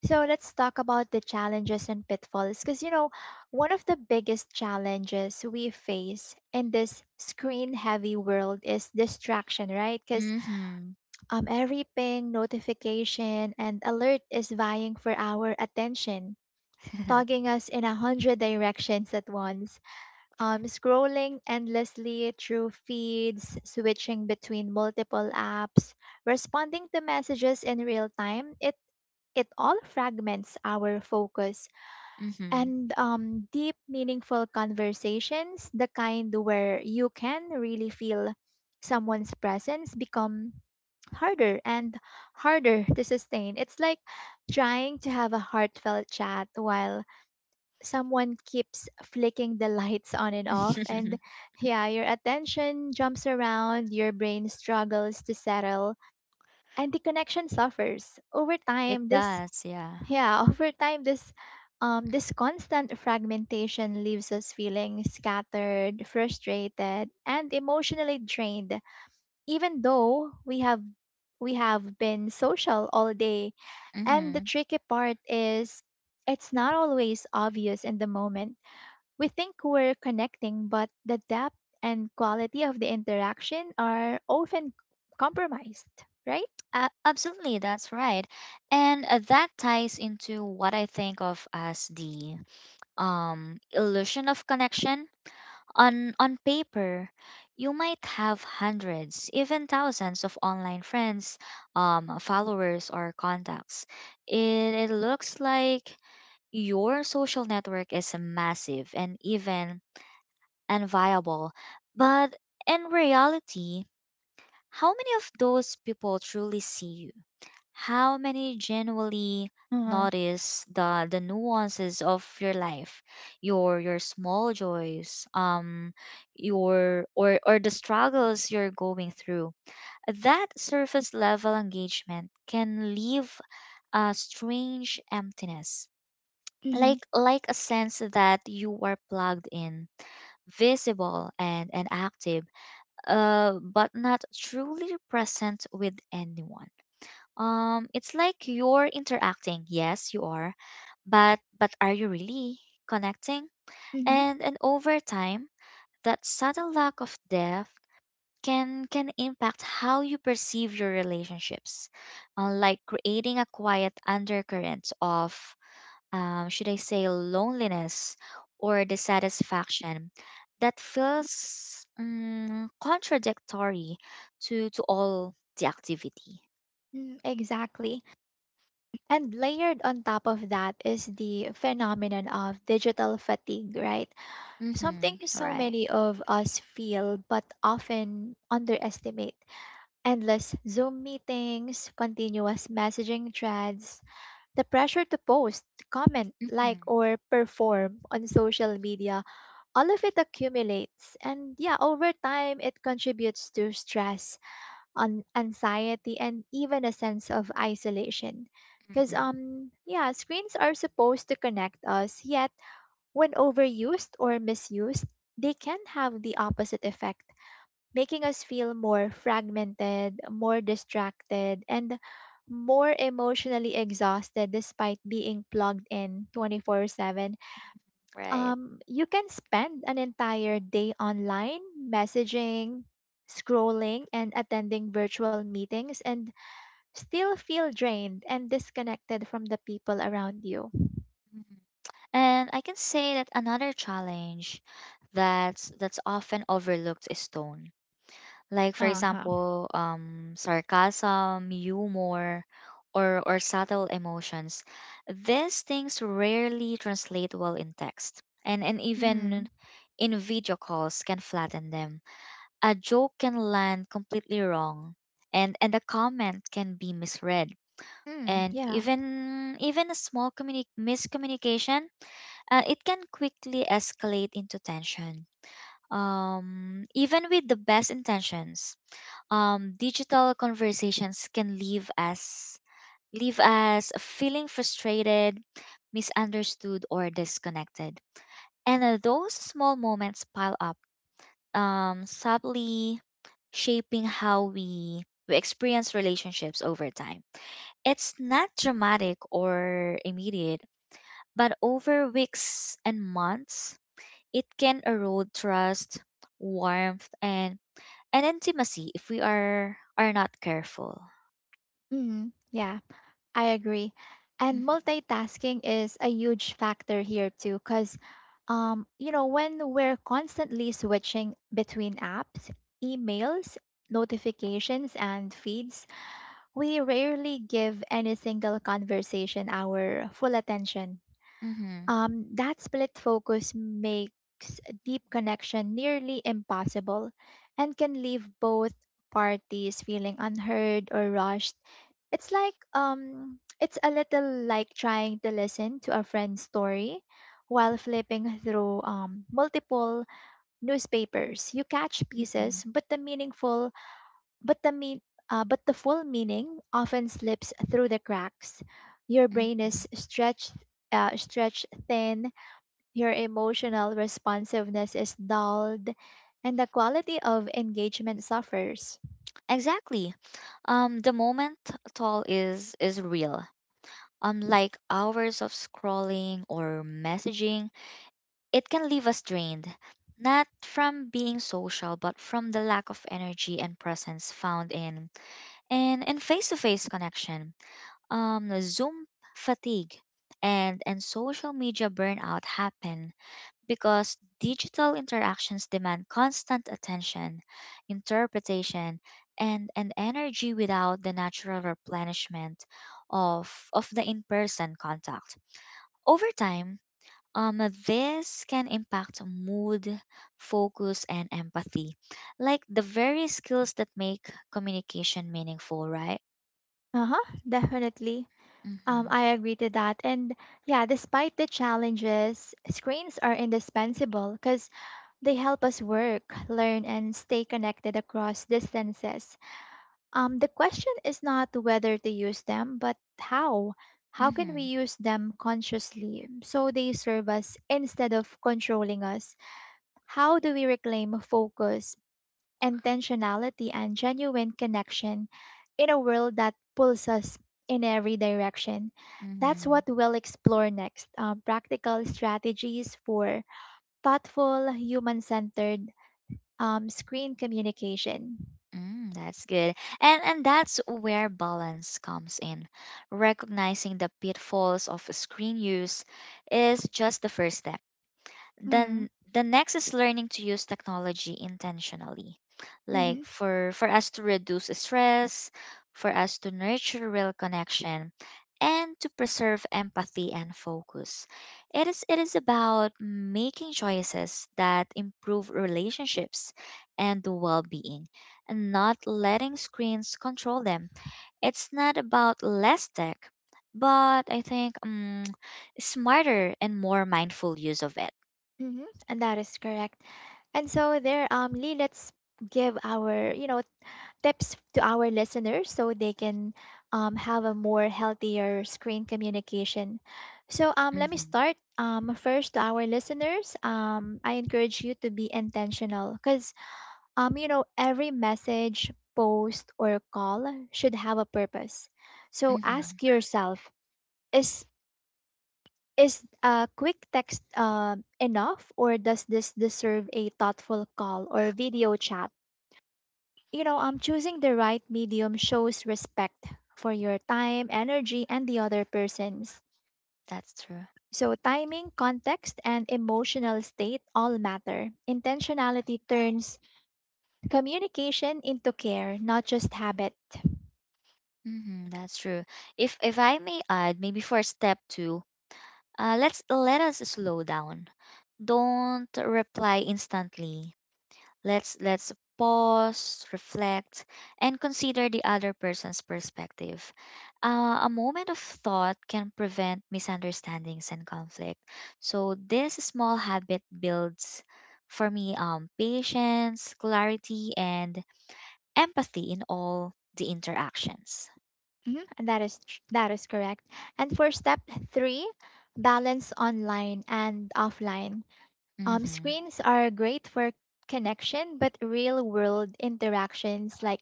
[SPEAKER 1] So let's talk about the challenges and pitfalls because you know, one of the biggest challenges we face in this screen heavy world is distraction, right? Because
[SPEAKER 2] Mhm.
[SPEAKER 1] every ping, notification, and alert is vying for our attention, togging us in a hundred directions at once. Scrolling endlessly through feeds, switching between multiple apps, responding to messages in real time, it all fragments our focus,
[SPEAKER 2] Mhm.
[SPEAKER 1] and deep, meaningful conversations, the kind where you can really feel someone's presence, become harder and harder to sustain. It's like trying to have a heartfelt chat while someone keeps flicking the lights on and off. And yeah, your attention jumps around, your brain struggles to settle, and the connection suffers. Over
[SPEAKER 2] It
[SPEAKER 1] time, this
[SPEAKER 2] does, yeah.
[SPEAKER 1] Yeah, over time, this this constant fragmentation leaves us feeling scattered, frustrated, and emotionally drained, even though we have been social all day. And the
[SPEAKER 2] Mhm.
[SPEAKER 1] tricky part is it's not always obvious in the moment. We think we're connecting, but the depth and quality of the interaction are often compromised, right?
[SPEAKER 2] Absolutely, that's right. And that ties into what I think of as the, illusion of connection. On paper, you might have hundreds, even thousands of online friends, followers, or contacts. It, it looks like your social network is massive and even unviable. But in reality, how many of those people truly see you? How many genuinely
[SPEAKER 1] Uh-huh.
[SPEAKER 2] notice the nuances of your life, your small joys, your or the struggles you're going through? That surface level engagement can leave a strange emptiness,
[SPEAKER 1] Mm-hmm.
[SPEAKER 2] like a sense that you are plugged in, visible and active, but not truly present with anyone. It's like you're interacting. Yes, you are. But are you really connecting? And over time, that subtle lack of depth can impact how you perceive your relationships. Like creating a quiet undercurrent of, should I say, loneliness or dissatisfaction that feels, contradictory to all the activity.
[SPEAKER 1] Mm-hmm. Exactly. And layered on top of that is the phenomenon of digital fatigue, right? Something
[SPEAKER 2] Mm-hmm.
[SPEAKER 1] so
[SPEAKER 2] Right.
[SPEAKER 1] many of us feel but often underestimate. Endless Zoom meetings, continuous messaging threads, the pressure to post, comment, like,
[SPEAKER 2] Hmm.
[SPEAKER 1] or perform on social media, all of it accumulates. And yeah, over time, it contributes to stress, on anxiety, and even a sense of isolation because
[SPEAKER 2] Hmm.
[SPEAKER 1] yeah, screens are supposed to connect us, yet when overused or misused, they can have the opposite effect, making us feel more fragmented, more distracted, and more emotionally exhausted despite being plugged in 24/7.
[SPEAKER 2] Right.
[SPEAKER 1] You can spend an entire day online, messaging, scrolling, and attending virtual meetings, and still feel drained and disconnected from the people around you.
[SPEAKER 2] Hmm. And I can say that another challenge that's often overlooked is tone. Like for
[SPEAKER 1] Uh-huh.
[SPEAKER 2] example, sarcasm, humor, or subtle emotions. These things rarely translate well in text, and
[SPEAKER 1] Mm-hmm.
[SPEAKER 2] even in video calls can flatten them. A joke can land completely wrong, and a comment can be misread,
[SPEAKER 1] Mm,
[SPEAKER 2] and
[SPEAKER 1] yeah.
[SPEAKER 2] even a small miscommunication. It can quickly escalate into tension. Even with the best intentions, digital conversations can leave us feeling frustrated, misunderstood, or disconnected. And those small moments pile up, subtly shaping how we experience relationships over time. It's not dramatic or immediate, but over weeks and months, it can erode trust, warmth, and intimacy if we are not careful.
[SPEAKER 1] Mm, yeah, I agree. And multitasking is a huge factor here too, because you know, when we're constantly switching between apps, emails, notifications, and feeds, we rarely give any single conversation our full attention.
[SPEAKER 2] Mm-hmm.
[SPEAKER 1] That split focus makes a deep connection nearly impossible and can leave both parties feeling unheard or rushed. It's like it's a little like trying to listen to a friend's story while flipping through multiple newspapers. You catch
[SPEAKER 2] Hmm.
[SPEAKER 1] pieces, but the meaningful but the mean but the full meaning often slips through the cracks. Your brain
[SPEAKER 2] Hmm.
[SPEAKER 1] is stretched thin, your emotional responsiveness is dulled, and the quality of engagement suffers.
[SPEAKER 2] Exactly. The moment toll is real. Like hours of scrolling or messaging, it can leave us drained, not from being social, but from the lack of energy and presence found in face-to-face connection. Zoom fatigue and social media burnout happen because digital interactions demand constant attention, interpretation, and energy without the natural replenishment of of the in-person contact. Over time, this can impact mood, focus, and empathy, like the very skills that make communication meaningful, right?
[SPEAKER 1] Uh huh, definitely.
[SPEAKER 2] Mhm.
[SPEAKER 1] I agree to that. And yeah, despite the challenges, screens are indispensable because they help us work, learn, and stay connected across distances. The question is not whether to use them, but how. How can we
[SPEAKER 2] Mhm.
[SPEAKER 1] use them consciously so they serve us instead of controlling us? How do we reclaim focus, intentionality, and genuine connection in a world that pulls us in every direction? That's what
[SPEAKER 2] Mhm.
[SPEAKER 1] we'll explore next: practical strategies for thoughtful, human centered screen communication.
[SPEAKER 2] Mm, that's good. And that's where balance comes in. Recognizing the pitfalls of screen use is just the first step.
[SPEAKER 1] Mm-hmm,
[SPEAKER 2] Then the next is learning to use technology intentionally.
[SPEAKER 1] mm-hmm,
[SPEAKER 2] Like for us to reduce stress, for us to nurture real connection and to preserve empathy and focus. It is about making choices that improve relationships and the well-being and not letting screens control them. It's not about less tech, but I think, smarter and more mindful use of it.
[SPEAKER 1] mm-hmm. And that is correct. Lee, let's give our, tips to our listeners so they can have a more healthier screen communication. So let me
[SPEAKER 2] Mhm.
[SPEAKER 1] start first to our listeners. I encourage you to be intentional because every message, post, or call should have a purpose. So
[SPEAKER 2] Mhm.
[SPEAKER 1] ask yourself: Is is a quick text enough, or does this deserve a thoughtful call or video chat? Choosing the right medium shows respect for your time, energy, and the other person's.
[SPEAKER 2] That's true.
[SPEAKER 1] So, timing, context, and emotional state all matter. Intentionality turns communication into care, not just habit.
[SPEAKER 2] Mhm. That's true. If I may add, maybe for step two, let us slow down. Don't reply instantly. Let's pause, reflect, and consider the other person's perspective. A moment of thought can prevent misunderstandings and conflict. So this small habit builds, for me, patience, clarity, and empathy in all the interactions.
[SPEAKER 1] Mhm. And that is tr- That is correct. And for step three, balance online and offline.
[SPEAKER 2] Hmm.
[SPEAKER 1] Screens are great for connection, but real world interactions like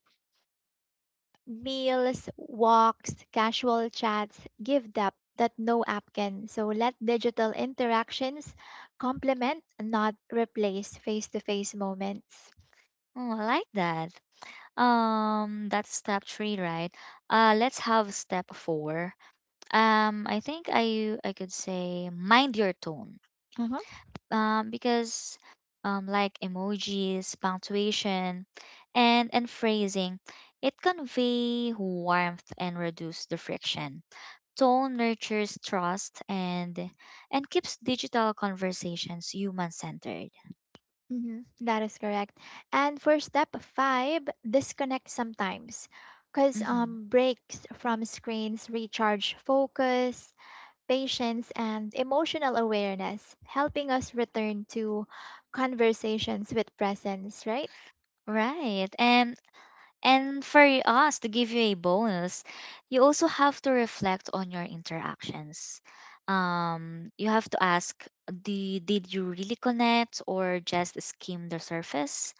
[SPEAKER 1] meals, walks, casual chats give depth that no app can. So let digital interactions complement, not replace face to face moments.
[SPEAKER 2] Oh, I like that. That's step three, right? Let's have step four. I think I could say, mind your tone.
[SPEAKER 1] Uh-huh.
[SPEAKER 2] Because, like emojis, punctuation, and phrasing, it convey warmth and reduce the friction. Tone nurtures trust and keeps digital conversations human centered.
[SPEAKER 1] Mhm. That is correct. And for step five, disconnect sometimes. Because breaks from screens recharge focus, patience, and emotional awareness, helping us return to conversations with presence, right?
[SPEAKER 2] Right. And for us to give you a bonus, you also have to reflect on your interactions. You have to ask, did you really connect or just skim the surface?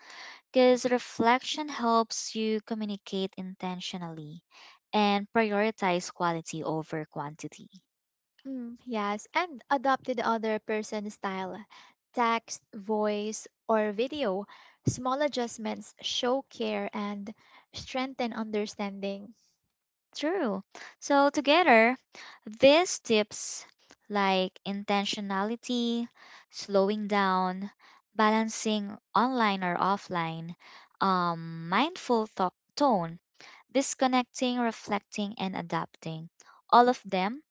[SPEAKER 2] Because reflection helps you communicate intentionally and prioritize quality over quantity.
[SPEAKER 1] Mm, yes, and adopt to the other person's style: text, voice, or video. Small adjustments show care and strengthen understanding.
[SPEAKER 2] True. So, together, these tips, like intentionality, slowing down, balancing online or offline, mindful tone, disconnecting, reflecting, and adapting. All of them,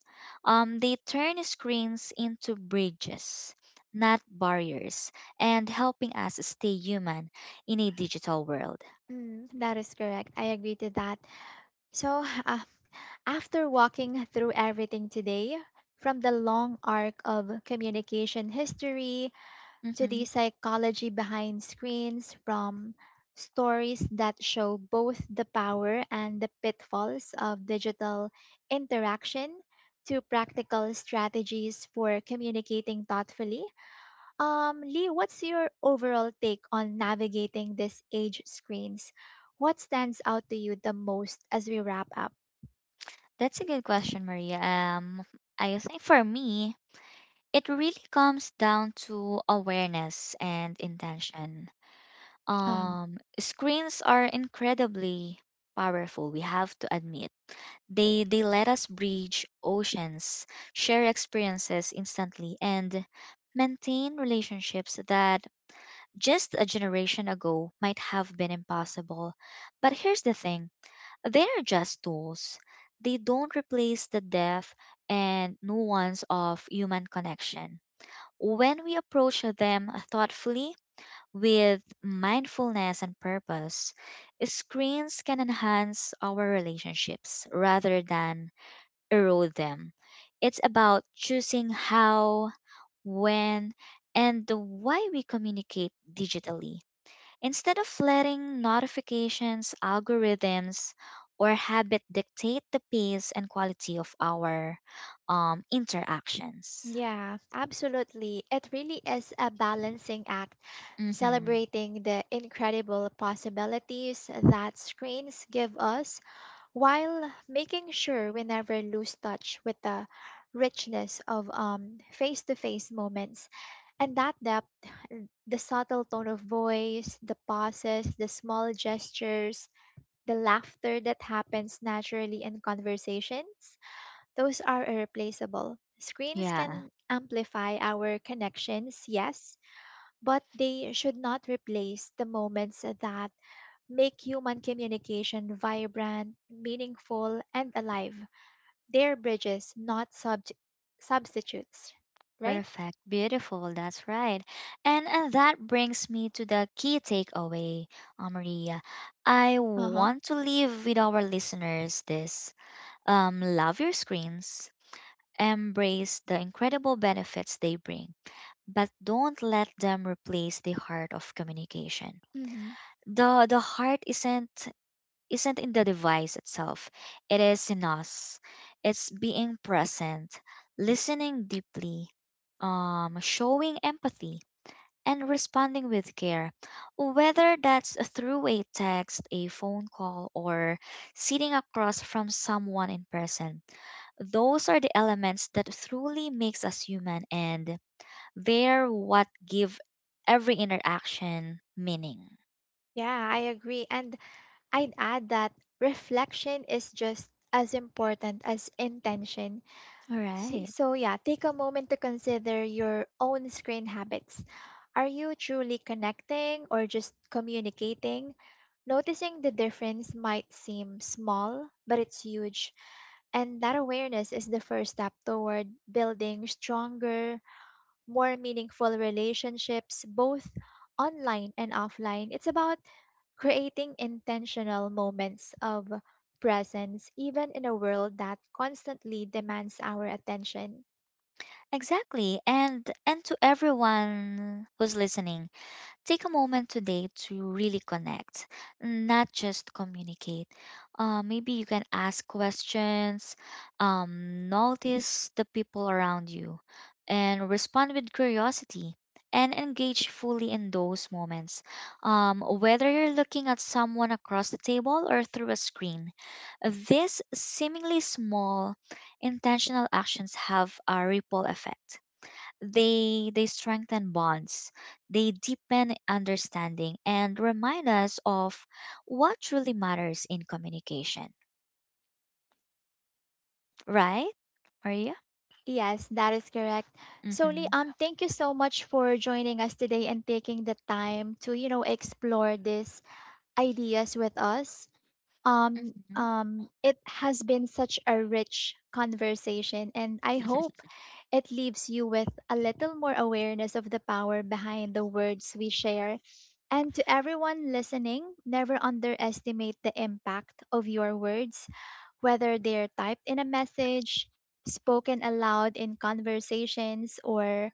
[SPEAKER 2] they turn screens into bridges, not barriers, and helping us stay human in a digital world.
[SPEAKER 1] Mm, that is correct. I agree to that. So, after walking through everything today, from the long arc of communication history to the
[SPEAKER 2] Mhm.
[SPEAKER 1] psychology behind screens, from stories that show both the power and the pitfalls of digital interaction to practical strategies for communicating thoughtfully. Lee, what's your overall take on navigating this age screens? What stands out to you the most as we wrap up?
[SPEAKER 2] That's a good question, Maria. I think for me, it really comes down to awareness and intention.
[SPEAKER 1] Um,
[SPEAKER 2] Screens are incredibly powerful. We have to admit, they let us bridge oceans, share experiences instantly, and maintain relationships that just a generation ago might have been impossible. But here's the thing. They are just tools. They don't replace the depth and nuance of human connection. When we approach them thoughtfully with mindfulness and purpose, screens can enhance our relationships rather than erode them. It's about choosing how, when, and why we communicate digitally, instead of letting notifications, algorithms, or habit dictate the pace and quality of our, interactions.
[SPEAKER 1] Yeah, absolutely. It really is a balancing act,
[SPEAKER 2] Mm-hmm.
[SPEAKER 1] celebrating the incredible possibilities that screens give us while making sure we never lose touch with the richness of face-to-face moments. And that depth, the subtle tone of voice, the pauses, the small gestures, the laughter that happens naturally in conversations, those are irreplaceable. Screens
[SPEAKER 2] Yeah,
[SPEAKER 1] can amplify our connections, yes, but they should not replace the moments that make human communication vibrant, meaningful, and alive. They're bridges, not substitutes, right?
[SPEAKER 2] perfect. Beautiful. That's right. And that brings me to the key takeaway, Maria. I
[SPEAKER 1] Uh huh.
[SPEAKER 2] want to leave with our listeners this, love your screens, embrace the incredible benefits they bring, but don't let them replace the heart of communication.
[SPEAKER 1] Hmm.
[SPEAKER 2] The heart isn't in the device itself. It is in us. It's being present, listening deeply, showing empathy, and responding with care. Whether that's through a text, a phone call, or sitting across from someone in person, those are the elements that truly makes us human, and they're what give every interaction meaning.
[SPEAKER 1] Yeah, I agree. And I'd add that reflection is just as important as intention.
[SPEAKER 2] All
[SPEAKER 1] Y-
[SPEAKER 2] right.
[SPEAKER 1] So, yeah, take a moment to consider your own screen habits. Are you truly connecting or just communicating? Noticing the difference might seem small, but it's huge. And that awareness is the first step toward building stronger, more meaningful relationships, both online and offline. It's about creating intentional moments of presence, even in a world that constantly demands our attention.
[SPEAKER 2] Exactly. And to everyone who's listening, take a moment today to really connect, not just communicate. Maybe you can ask questions, notice the people around you, and respond with curiosity and engage fully in those moments. Whether you're looking at someone across the table or through a screen, these seemingly small, intentional actions have a ripple effect. They strengthen bonds, they deepen understanding, and remind us of what truly matters in communication. Right, Maria?
[SPEAKER 1] Yes, that is correct. So,
[SPEAKER 2] Mm-hmm.
[SPEAKER 1] Liam, thank you so much for joining us today and taking the time to, explore these ideas with us.
[SPEAKER 2] Mm-hmm.
[SPEAKER 1] It has been such a rich conversation, and I hope it leaves you with a little more awareness of the power behind the words we share. And to everyone listening, never underestimate the impact of your words, whether they're typed in a message, spoken aloud in conversations, or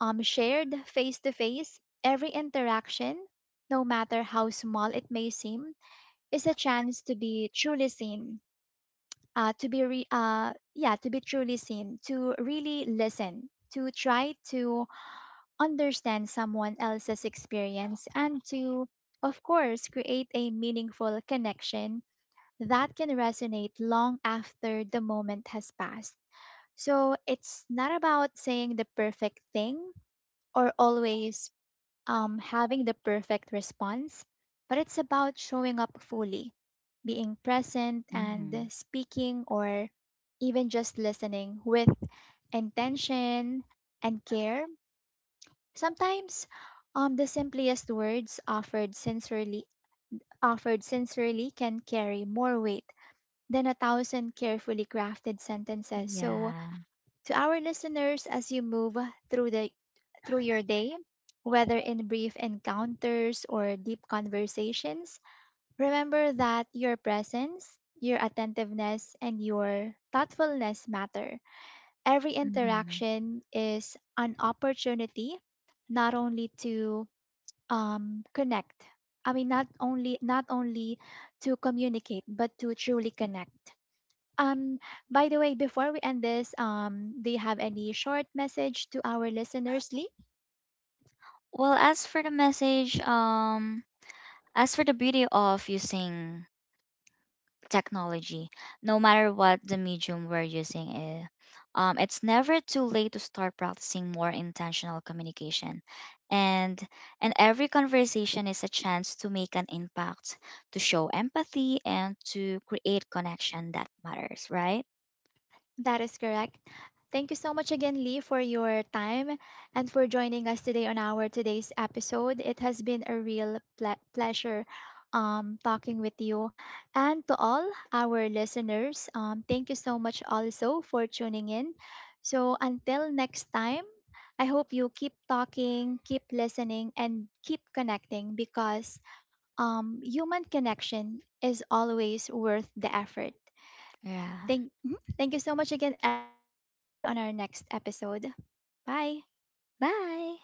[SPEAKER 1] shared face to face. Every interaction, no matter how small it may seem, is a chance to be truly seen, yeah, to be truly seen, to really listen, to try to understand someone else's experience, and to, of course, create a meaningful connection that can resonate long after the moment has passed. So it's not about saying the perfect thing or always having the perfect response, but it's about showing up fully, being present and
[SPEAKER 2] Mm-hmm.
[SPEAKER 1] speaking, or even just listening with intention and care. Sometimes the simplest words offered sincerely can carry more weight than a thousand carefully crafted sentences. So,
[SPEAKER 2] Yeah.
[SPEAKER 1] to our listeners, as you move through the through your day, whether in brief encounters or deep conversations, remember that your presence, your attentiveness, and your thoughtfulness matter. Every
[SPEAKER 2] Mm-hmm.
[SPEAKER 1] interaction is an opportunity not only to um, connect. Not only to communicate, but to truly connect. Um, by the way, before we end this, do you have any short message to our listeners, Lee?
[SPEAKER 2] Well, as for the message, as for the beauty of using technology, no matter what the medium we're using is. It's never too late to start practicing more intentional communication. And and every conversation is a chance to make an impact, to show empathy and to create connection that matters, right?
[SPEAKER 1] That is correct. Thank you so much again, Lee, for your time and for joining us today on our today's episode. It has been a real pleasure talking with you. And to all our listeners, thank you so much also for tuning in. So until next time, I hope you keep talking, keep listening, and keep connecting because human connection is always worth the effort.
[SPEAKER 2] Yeah.
[SPEAKER 1] Thank, mhm. Thank you so much again, everyone, and see you on our next episode. Bye.
[SPEAKER 2] Bye.